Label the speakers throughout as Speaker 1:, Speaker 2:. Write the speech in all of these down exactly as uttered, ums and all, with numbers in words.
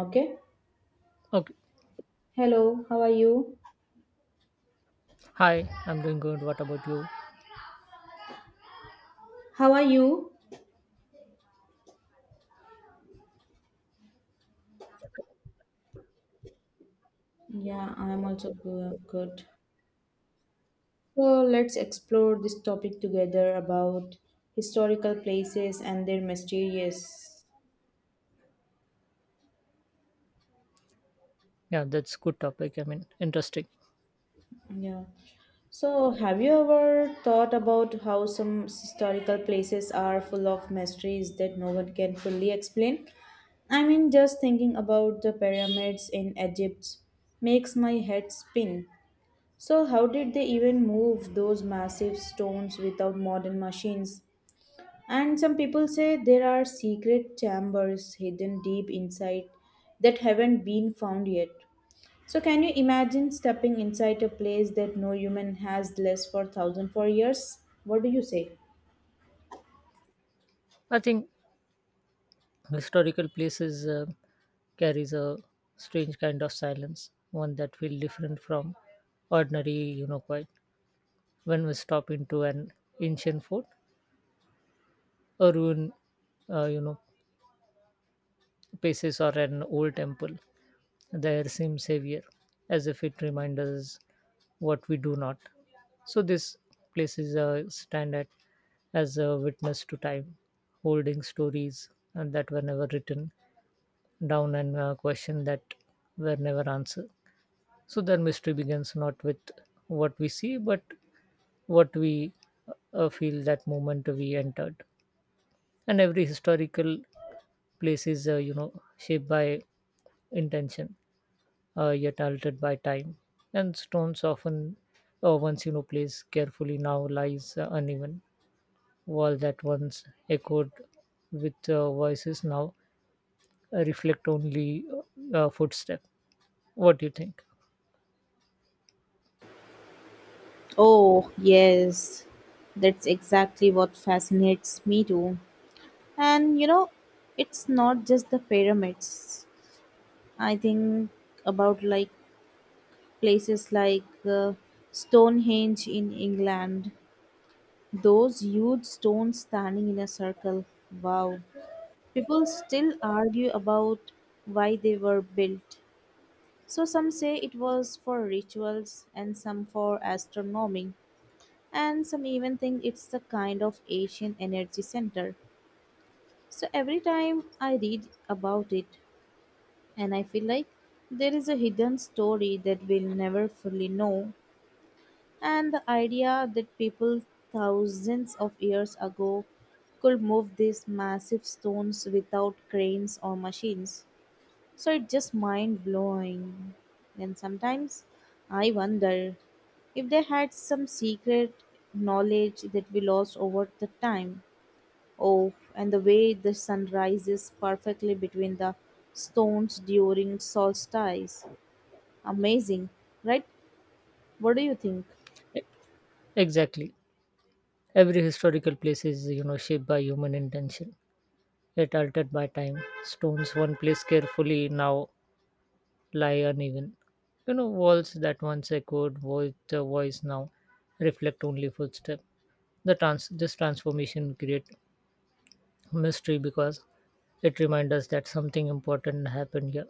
Speaker 1: Okay.
Speaker 2: Okay.
Speaker 1: Hello, how are you?
Speaker 2: Hi, I'm doing good. What about you?
Speaker 1: How are you? Yeah, I'm also go- good. So let's explore this topic together about historical places and their mysterious.
Speaker 2: Yeah, that's good topic. I mean, interesting.
Speaker 1: Yeah. So have you ever thought about how some historical places are full of mysteries that no one can fully explain? I mean, just thinking about the pyramids in Egypt makes my head spin. So, how did they even move those massive stones without modern machines? And some people say there are secret chambers hidden deep inside that haven't been found yet. So, can you imagine stepping inside a place that no human has less for thousand four years? What do you say?
Speaker 2: I think historical places uh, carries a strange kind of silence, one that feels different from ordinary, you know, quiet. When we stop into an ancient fort, a ruin, uh, you know, places or an old temple, there seems heavier, as if it reminds us what we do not. So this place is a stand at as a witness to time, holding stories and that were never written down and uh, questions that were never answered. So their mystery begins not with what we see, but what we uh, feel that moment we entered. And every historical place is, uh, you know, shaped by intention uh, yet altered by time. And stones often, uh, once you know placed carefully, now lies uh, uneven. Wall that once echoed with uh, voices now uh, reflect only uh, uh, footstep. What do you think?
Speaker 1: Oh, yes. That's exactly what fascinates me too. And you know, it's not just the pyramids. I think about like places like uh, Stonehenge in England, those huge stones standing in a circle. Wow. People still argue about why they were built. So some say it was for rituals and some for astronomy, and some even think it's a kind of ancient energy center. So every time I read about it, and I feel like there is a hidden story that we'll never fully know. And the idea that people thousands of years ago could move these massive stones without cranes or machines. So it's just mind blowing. And sometimes I wonder if they had some secret knowledge that we lost over the time. Oh, and the way the sun rises perfectly between the stones during solstice. Amazing, right? What do you think?
Speaker 2: E- Exactly. Every historical place is you know shaped by human intention, yet altered by time. Stones one placed carefully now lie uneven. You know, walls that once echoed voice, the voice now reflect only footsteps. The trans- this transformation create mystery because it reminds us that something important happened here.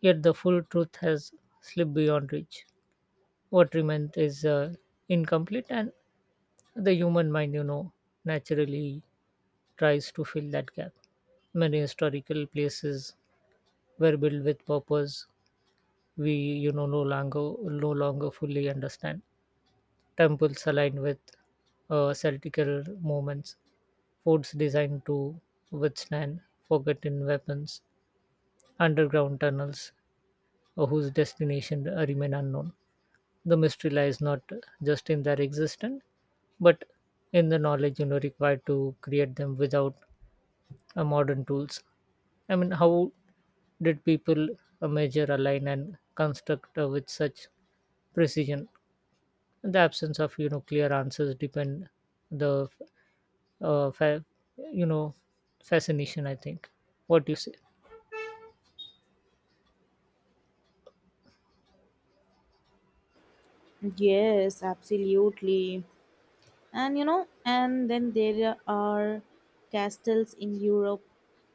Speaker 2: Yet the full truth has slipped beyond reach. What remains is uh, incomplete, and the human mind, you know, naturally tries to fill that gap. Many historical places were built with purpose we, you know, no longer no longer fully understand. Temples aligned with uh, celtical movements, forts designed to withstand forgotten weapons, underground tunnels uh, whose destination uh, remain unknown. The mystery lies not just in their existence, but in the knowledge you know required to create them without uh, modern tools. I mean, how did people uh, measure, align, and construct uh, with such precision? The absence of you know clear answers depend the uh, fa- you know fascination I think. What do you say?
Speaker 1: Yes, absolutely. And you know, and then there are castles in Europe,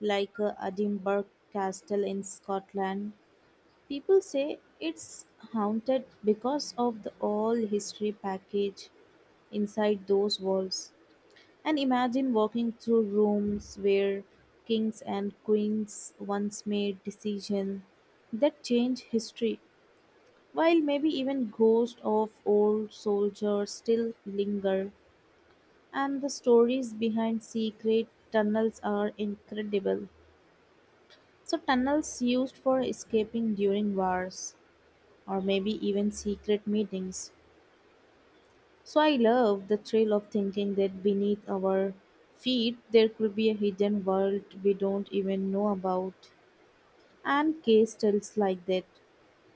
Speaker 1: like uh, Edinburgh Castle in Scotland. People say it's haunted because of the all history package inside those walls. And imagine walking through rooms where kings and queens once made decisions that change history, while maybe even ghosts of old soldiers still linger, and the stories behind secret tunnels are incredible. So, tunnels used for escaping during wars, or maybe even secret meetings. So, I love the thrill of thinking that beneath our feet there could be a hidden world we don't even know about, and case studies like that.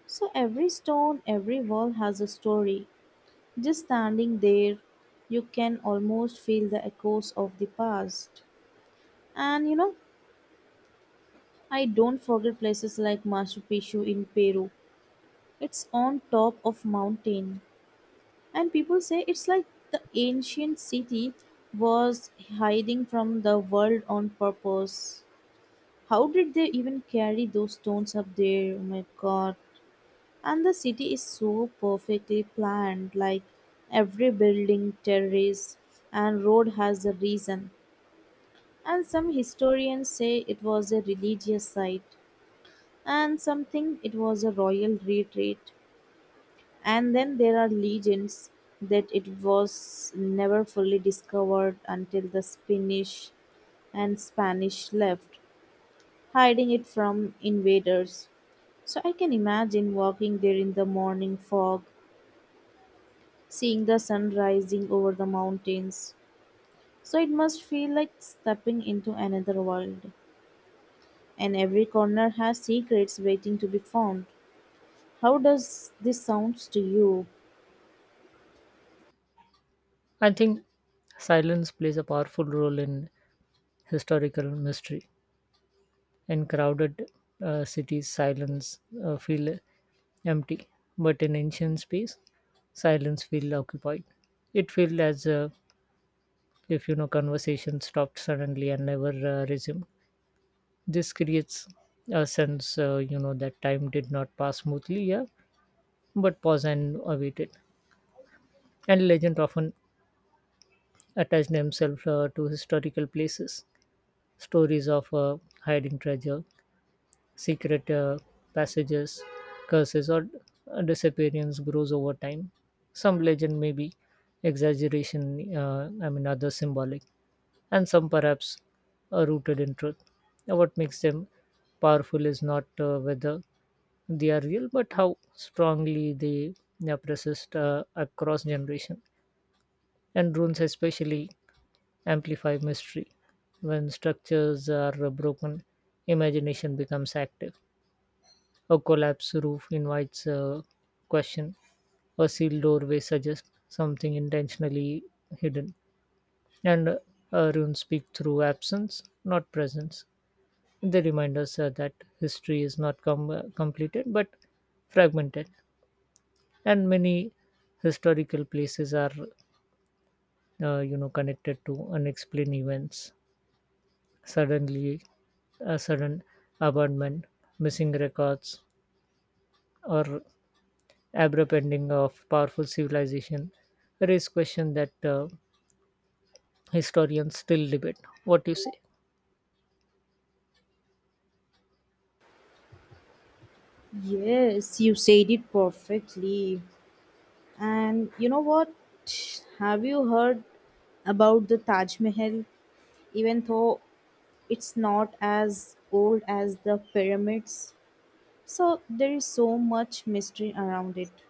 Speaker 1: So, every stone, every wall has a story. Just standing there, you can almost feel the echoes of the past. And you know, I don't forget places like Machu Picchu in Peru. It's on top of mountain, and people say it's like the ancient city was hiding from the world on purpose. How did they even carry those stones up there? Oh my god. And the city is so perfectly planned, like every building, terrace, and road has a reason. And some historians say it was a religious site, and some think it was a royal retreat. And then there are legends that it was never fully discovered until the Spanish and Spanish left, hiding it from invaders. So I can imagine walking there in the morning fog seeing the sun rising over the mountains. So it must feel like stepping into another world. And every corner has secrets waiting to be found. How does this sounds to you?
Speaker 2: I think silence plays a powerful role in historical mystery. In crowded uh, cities silence uh, feel empty, but in ancient space silence feel occupied. It felt as uh, if you know conversation stopped suddenly and never uh, resumed. This creates a sense uh, you know that time did not pass smoothly, yeah, but pause and awaited. And legend often attach themselves uh, to historical places, stories of uh, hiding treasure, secret uh, passages, curses, or uh, disappearance grows over time. Some legend may be exaggeration, uh, I mean, others symbolic, and some perhaps are rooted in truth. Now, what makes them powerful is not uh, whether they are real, but how strongly they are persist uh, across generation. And runes, especially amplify mystery. When structures are broken, imagination becomes active. A collapsed roof invites a question, a sealed doorway suggests something intentionally hidden, and uh, runes speak through absence, not presence. They remind us uh, that history is not com- uh, completed but fragmented, and many historical places are, uh, you know, connected to unexplained events. Suddenly, a sudden abandonment, missing records, or abrupt ending of powerful civilization raise questions that uh, historians still debate. What do you say?
Speaker 1: Yes, you said it perfectly. And you know what? Have you heard about the Taj Mahal? Even though it's not as old as the pyramids, so there is so much mystery around it.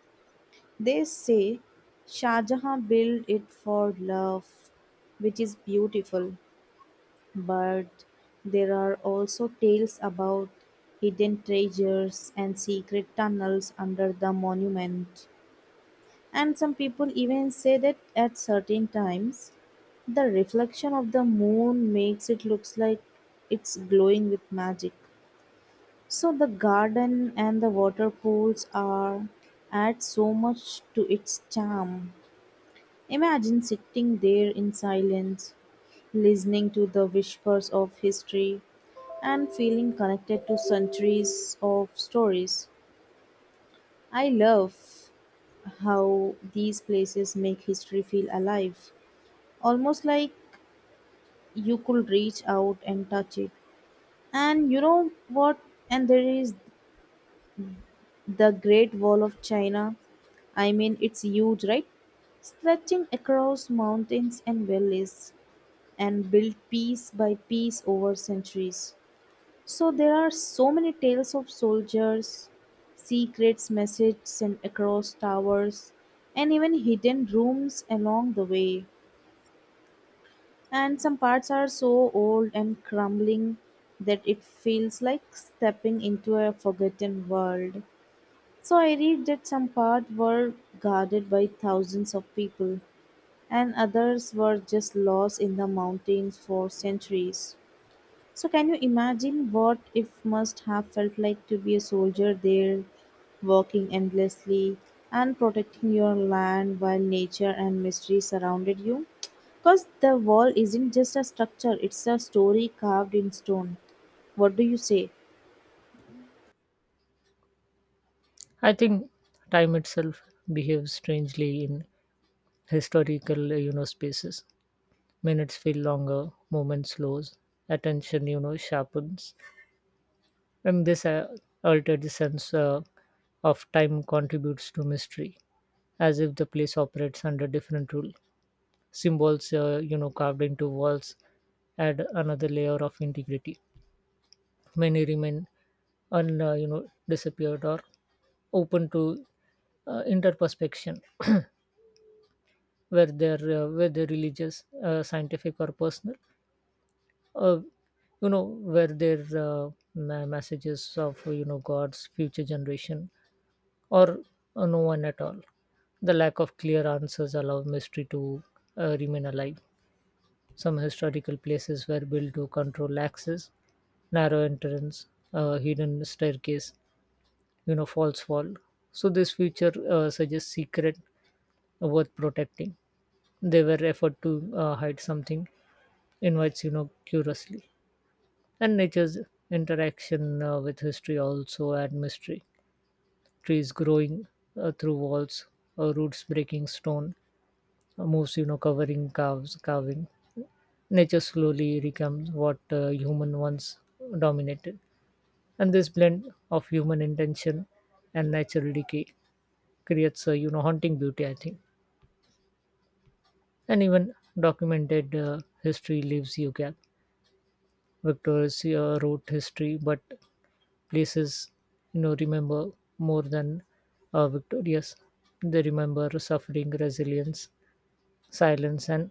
Speaker 1: They say Shah Jahan built it for love, which is beautiful, but there are also tales about hidden treasures and secret tunnels under the monument. And some people even say that at certain times, the reflection of the moon makes it looks like it's glowing with magic. So the garden and the water pools are add so much to its charm. Imagine sitting there in silence, listening to the whispers of history and feeling connected to centuries of stories. I love how these places make history feel alive, almost like you could reach out and touch it. And you know what? And there is the Great Wall of China. I mean, it's huge, right? Stretching across mountains and valleys, and built piece by piece over centuries. So there are so many tales of soldiers, secrets messaged sent across towers, and even hidden rooms along the way. And some parts are so old and crumbling that it feels like stepping into a forgotten world. So I read that some parts were guarded by thousands of people, and others were just lost in the mountains for centuries. So can you imagine what if must have felt like to be a soldier there, working endlessly and protecting your land while nature and mystery surrounded you? Because the wall isn't just a structure, it's a story carved in stone. What do you say?
Speaker 2: I think time itself behaves strangely in historical, uh, you know, spaces. Minutes feel longer, movement slows, attention, you know, sharpens, and this uh, altered sense uh, of time contributes to mystery, as if the place operates under different rule. Symbols uh, you know carved into walls add another layer of integrity. Many remain un uh, you know disappeared or open to uh, interperspection. Where they uh, where they religious uh, scientific or personal, uh, you know where their uh, ma- messages of you know god's future generation or uh, no one at all. The lack of clear answers allow mystery to uh, remain alive. Some historical places were built to control access, narrow entrance, a hidden staircase, you know, false wall. So this feature uh, suggests secret uh, worth protecting. They were effort to uh, hide something invites you know curiously, and nature's interaction uh, with history also add mystery. Trees growing uh, through walls, uh, roots breaking stone, uh, moves you know covering calves carving, nature slowly becomes what uh, human once dominated. And this blend of human intention and natural decay creates a you know haunting beauty, I think. And even documented uh, history leaves you gap. Victoria's uh, wrote history, but places you know remember more than uh, victorious. They remember suffering, resilience, silence, and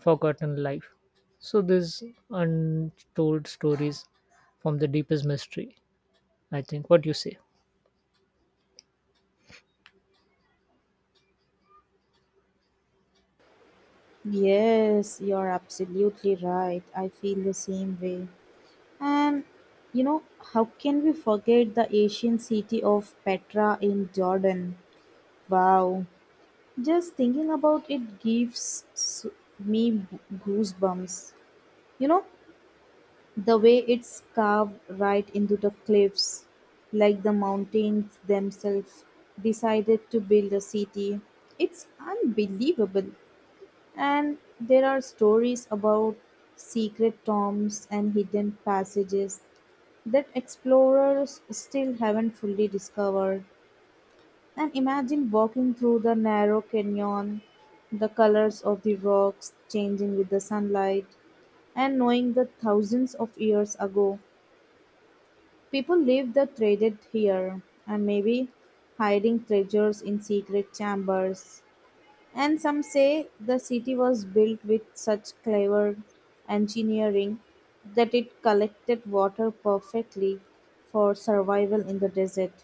Speaker 2: forgotten life. So these untold stories from the deepest mystery, I think. What do you say?
Speaker 1: Yes, you're absolutely right. I feel the same way. And you know, how can we forget the ancient city of Petra in Jordan? Wow, just thinking about it gives s- me goosebumps. You know, the way it's carved right into the cliffs, like the mountains themselves decided to build a city. It's unbelievable. And there are stories about secret tombs and hidden passages that explorers still haven't fully discovered. And imagine walking through the narrow canyon, the colors of the rocks changing with the sunlight, and knowing that thousands of years ago, people lived that traded here, and maybe hiding treasures in secret chambers. And some say the city was built with such clever engineering that it collected water perfectly for survival in the desert.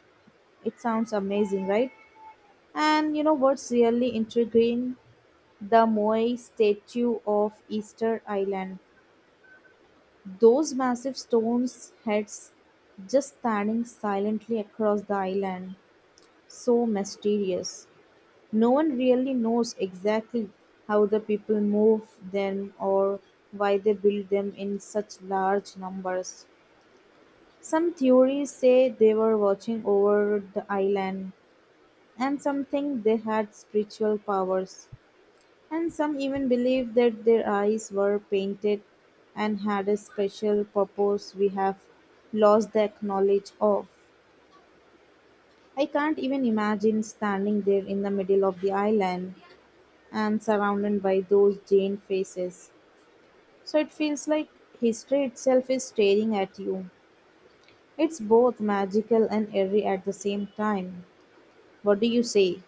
Speaker 1: It sounds amazing, right? And you know what's really intriguing? The Moai statue of Easter Island. Those massive stones heads just standing silently across the island. So mysterious. No one really knows exactly how the people move them or why they build them in such large numbers. Some theories say they were watching over the island, and some think they had spiritual powers. And some even believe that their eyes were painted and had a special purpose we have lost the knowledge of. I can't even imagine standing there in the middle of the island and surrounded by those Jane faces. So it feels like history itself is staring at you. It's both magical and eerie at the same time. What do you say?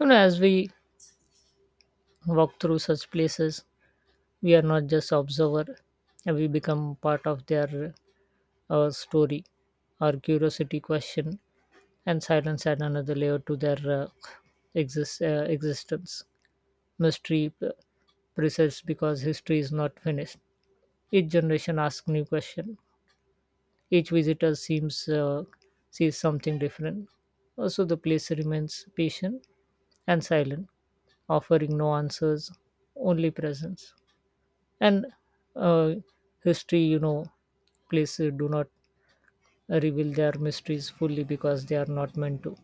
Speaker 2: You know, as we walk through such places, we are not just observer. And We become part of their uh, story. Our curiosity, question, and silence add another layer to their uh, exist, uh, existence. Mystery uh, persists because history is not finished. Each generation asks new question. Each visitor seems uh, sees something different. Also, the place remains patient and silent, offering no answers, only presence. And uh, history, you know, places do not reveal their mysteries fully because they are not meant to.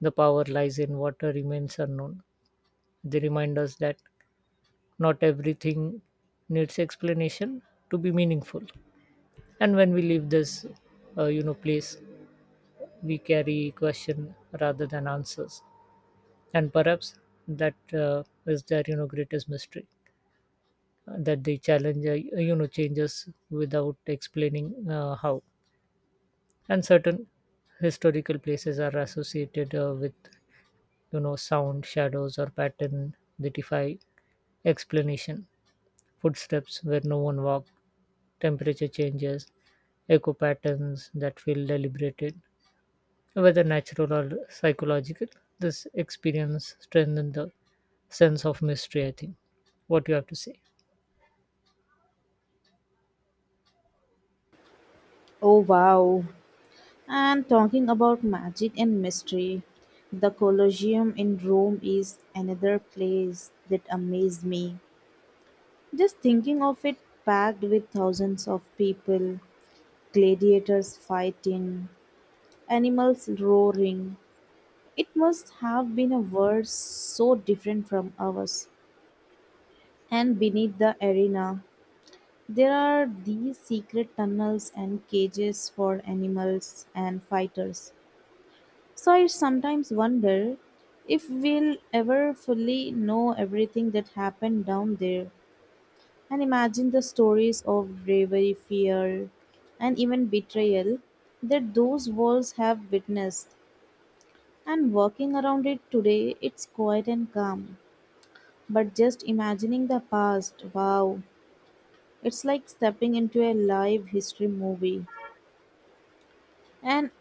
Speaker 2: The power lies in what remains unknown. They remind us that not everything needs explanation to be meaningful. And when we leave this, uh, you know, place, we carry question rather than answers. And perhaps that uh, is their, you know, greatest mystery. Uh, that the challenge uh, you know changes without explaining uh, how. And certain historical places are associated uh, with you know sound, shadows, or pattern that defy explanation. Footsteps where no one walked, temperature changes, echo patterns that feel deliberated, whether natural or psychological, this experience strengthened the sense of mystery, I think. What do you have to say?
Speaker 1: Oh wow. And talking about magic and mystery, the Colosseum in Rome is another place that amazed me. Just thinking of it packed with thousands of people, gladiators fighting, animals roaring. It must have been a world so different from ours. And beneath the arena, there are these secret tunnels and cages for animals and fighters. So I sometimes wonder if we'll ever fully know everything that happened down there, and imagine the stories of bravery, fear, and even betrayal that those walls have witnessed. And walking around it today, it's quiet and calm. But just imagining the past, wow, it's like stepping into a live history movie. And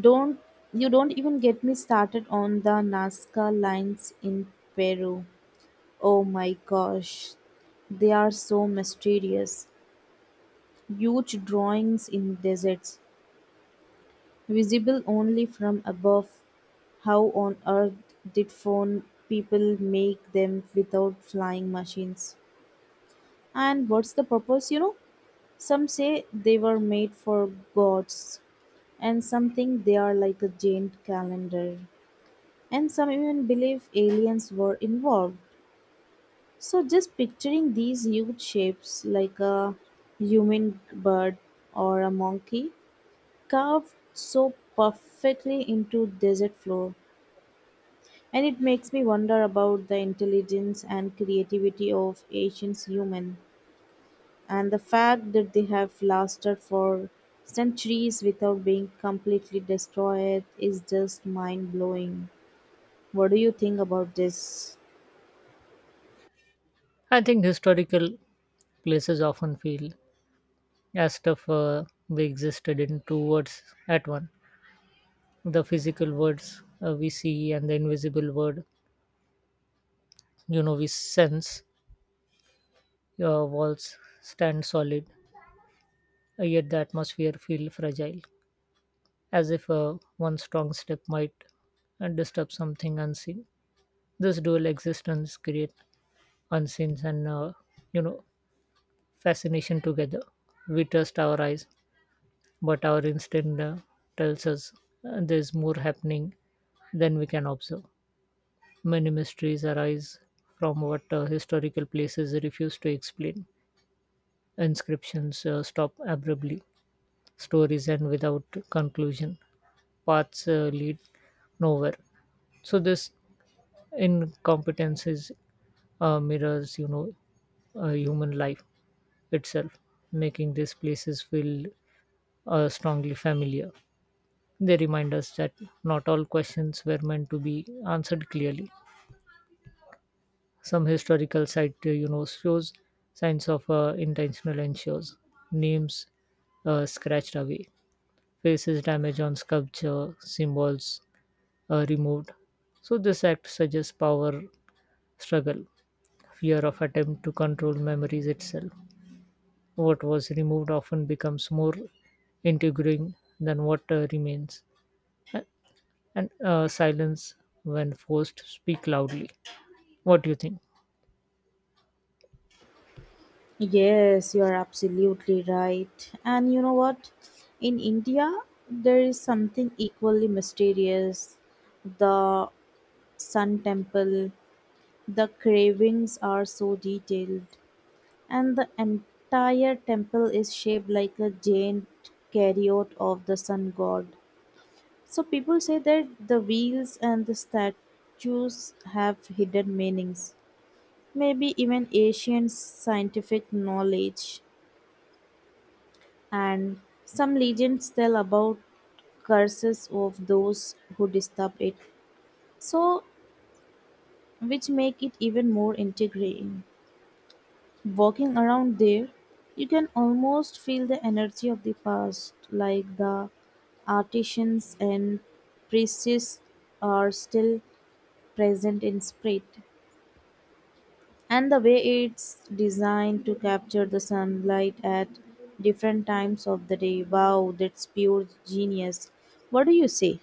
Speaker 1: don't you don't even get me started on the Nazca lines in Peru. Oh my gosh, they are so mysterious. Huge drawings in deserts, visible only from above. How on earth did phone people make them without flying machines? And what's the purpose, you know? Some say they were made for gods, and some think they are like a giant calendar. And some even believe aliens were involved. So just picturing these huge shapes like a human bird or a monkey carved so perfectly into desert floor, and it makes me wonder about the intelligence and creativity of ancient human, and the fact that they have lasted for centuries without being completely destroyed is just mind blowing. What do you think about this?
Speaker 2: I think historical places often feel as tough uh, they existed in two words at one. The physical words uh, we see and the invisible word, you know, we sense. Your walls stand solid, uh, yet the atmosphere feel fragile, as if uh, one strong step might uh, disturb something unseen. This dual existence create unseen and uh, you know fascination together. We trust our eyes but our instinct uh, tells us uh, there's more happening than we can observe. Many mysteries arise from what uh, historical places refuse to explain. Inscriptions uh, stop abruptly, stories end without conclusion, paths uh, lead nowhere. So, this incompetence is, uh, mirrors, you know, uh, human life itself, making these places feel uh, strongly familiar. They remind us that not all questions were meant to be answered clearly. Some historical site, uh, you know, shows signs of uh, intentional ensures, names uh, scratched away, faces damage on sculpture, symbols uh, removed. So this act suggests power struggle, fear of attempt to control memories itself. What was removed often becomes more intriguing than what uh, remains. and uh, silence when forced speak loudly. What do you think?
Speaker 1: Yes, you are absolutely right. And you know what? In India, there is something equally mysterious. The sun temple, the carvings are so detailed, and the entire temple is shaped like a giant chariot of the sun god. So people say that the wheels and the statues have hidden meanings, maybe even ancient scientific knowledge. And some legends tell about curses of those who disturb it, so which make it even more integrating. Walking around there, you can almost feel the energy of the past, like the artisans and priests are still present in spirit. And the way it's designed to capture the sunlight at different times of the day, wow, that's pure genius. What do you say?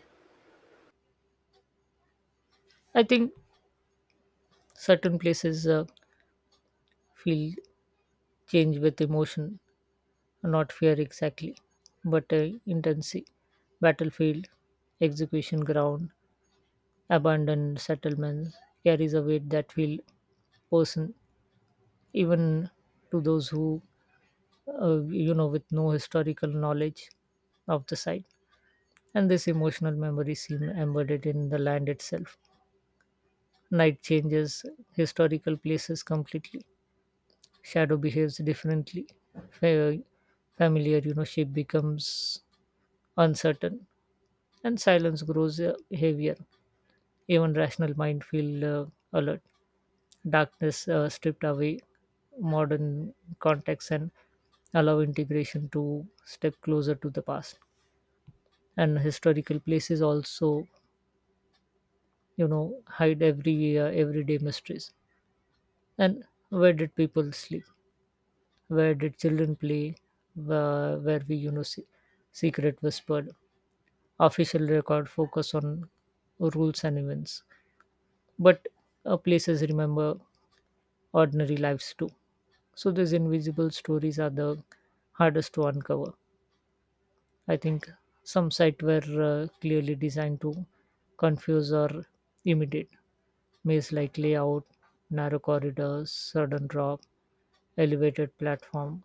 Speaker 2: I think certain places uh, feel change with emotion, not fear exactly, but uh, intensity. Battlefield, execution ground, abandoned settlements carries a weight that feel person, even to those who uh, you know with no historical knowledge of the site. And this emotional memory seem embedded in the land itself. Night changes historical places completely. Shadow behaves differently. Fa- Familiar, you know, shape becomes uncertain, and silence grows uh, heavier. Even rational mind feel uh, alert. Darkness uh, stripped away modern contexts and allow integration to step closer to the past. And historical places also, you know, hide every uh, everyday mysteries. And where did people sleep? Where did children play, where, where we, you know, se- secret whispered. Official record focus on rules and events, but uh, places remember ordinary lives too. So these invisible stories are the hardest to uncover. I think some sites were uh, clearly designed to confuse or imitate maze like layout, narrow corridors, sudden drop, elevated platform.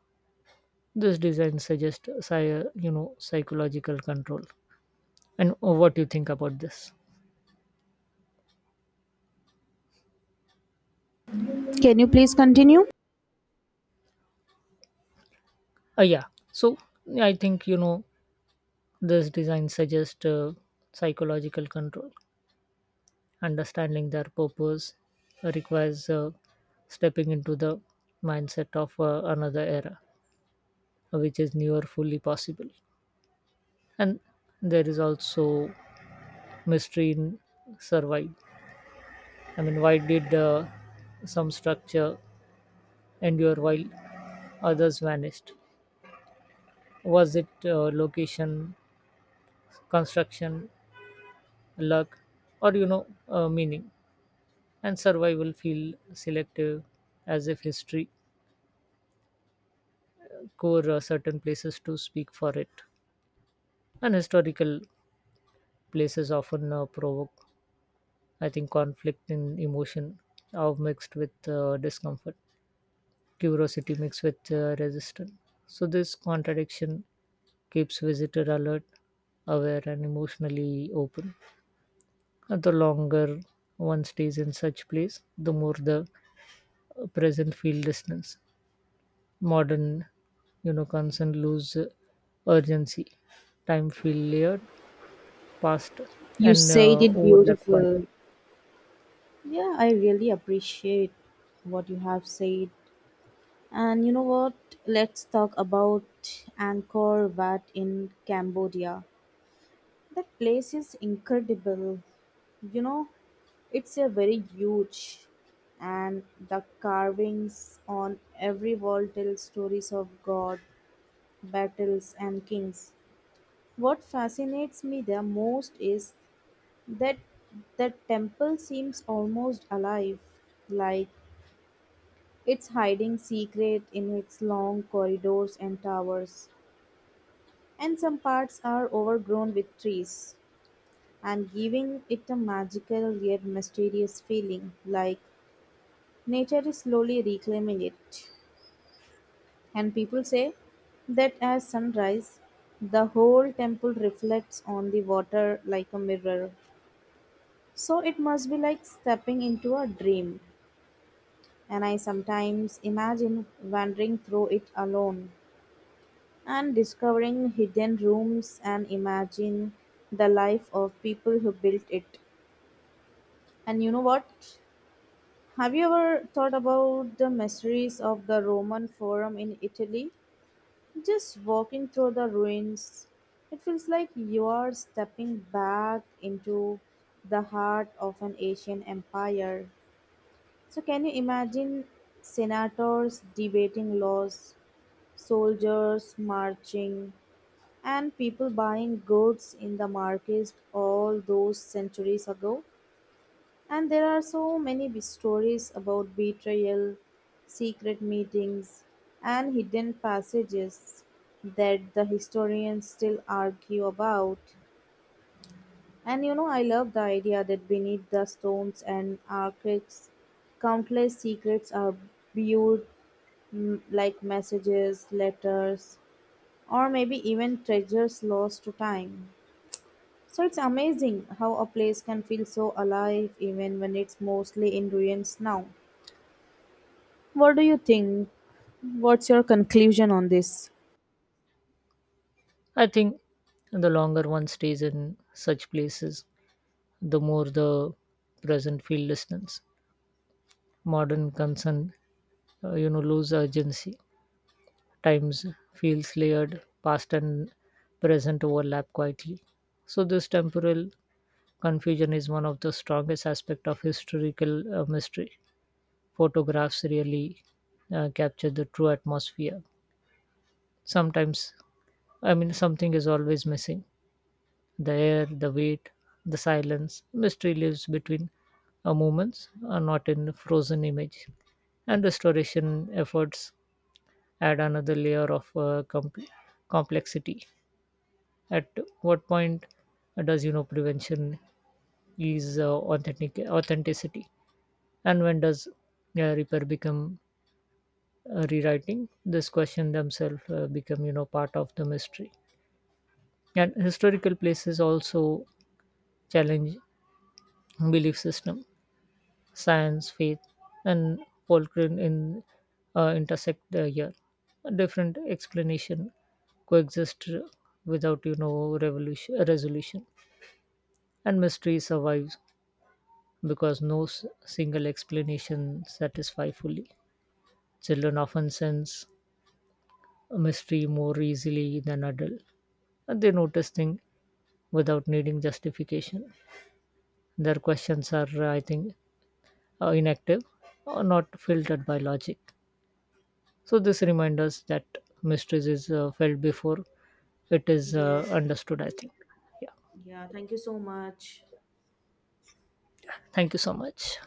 Speaker 2: This design suggests, psy- you know, psychological control. And what do you think about this?
Speaker 1: Can you please continue?
Speaker 2: Uh, yeah. So I think you know this design suggests uh, psychological control. Understanding their purpose requires uh, stepping into the mindset of uh, another era, which is never fully possible. And there is also mystery in survive. I mean, why did uh, some structure endure while others vanished? Was it uh, location, construction, luck, or you know, uh, meaning? And survival feel selective, as if history core uh, certain places to speak for it. And historical places often uh, provoke, I think, conflict in emotion, are mixed with uh, discomfort, curiosity mixed with uh, resistance. So this contradiction keeps visitor alert, aware, and emotionally open. Uh, The longer one stays in such place, the more the uh, present feel distance. Modern, you know, concern lose uh, urgency. Time feel layered, past,
Speaker 1: You
Speaker 2: and
Speaker 1: said
Speaker 2: uh,
Speaker 1: it
Speaker 2: overlap
Speaker 1: beautiful.
Speaker 2: quietly.
Speaker 1: Yeah, I really appreciate what you have said. And you know what? Let's talk about Angkor Wat in Cambodia. That place is incredible. You know, it's a very huge, and the carvings on every wall tell stories of god, battles and kings. What fascinates me the most is that the temple seems almost alive, like it's hiding secret in its long corridors and towers, and some parts are overgrown with trees, and giving it a magical yet mysterious feeling, like nature is slowly reclaiming it. And people say that at sunrise, the whole temple reflects on the water like a mirror. So it must be like stepping into a dream. And I sometimes imagine wandering through it alone and discovering hidden rooms, and imagine the life of people who built it. And you know what? Have you ever thought about the mysteries of the Roman Forum in Italy? Just walking through the ruins, it feels like you are stepping back into the heart of an Asian empire. So, can you imagine senators debating laws? Soldiers marching, and people buying goods in the markets all those centuries ago. And there are so many be- stories about betrayal, secret meetings, and hidden passages that the historians still argue about. And you know, I love the idea that beneath the stones and arches, countless secrets are viewed, mm, like messages, letters, or maybe even treasures lost to time. So it's amazing how a place can feel so alive even when it's mostly in ruins now. What do you think? What's your conclusion on this?
Speaker 2: I think the longer one stays in such places, the more the present feel distance. Modern concern, uh, you know, lose urgency. Times feels layered, past and present overlap quietly. So this temporal confusion is one of the strongest aspects of historical uh, mystery. Photographs really uh, capture the true atmosphere. Sometimes, I mean, something is always missing the air, the weight, the silence. Mystery lives between uh, moments, uh, not in a frozen image. And restoration efforts add another layer of uh, com- complexity. At what point uh, does you know prevention is uh, authentic authenticity? And when does uh, repair become uh, rewriting? This question themselves uh, become you know part of the mystery. And historical places also challenge belief system, science, faith, and folklore in uh, intersect uh, here. Different explanation coexist without you know revolution resolution, and mystery survives because no s- single explanation satisfy fully. Children often sense mystery more easily than adults. They notice things without needing justification. Their questions are, uh, I think, uh, inactive or not filtered by logic. So this reminds us that mysteries is uh, felt before it is
Speaker 1: Yes.
Speaker 2: uh, understood, I think. Yeah.
Speaker 1: Yeah. Thank you so much.
Speaker 2: Thank you so much.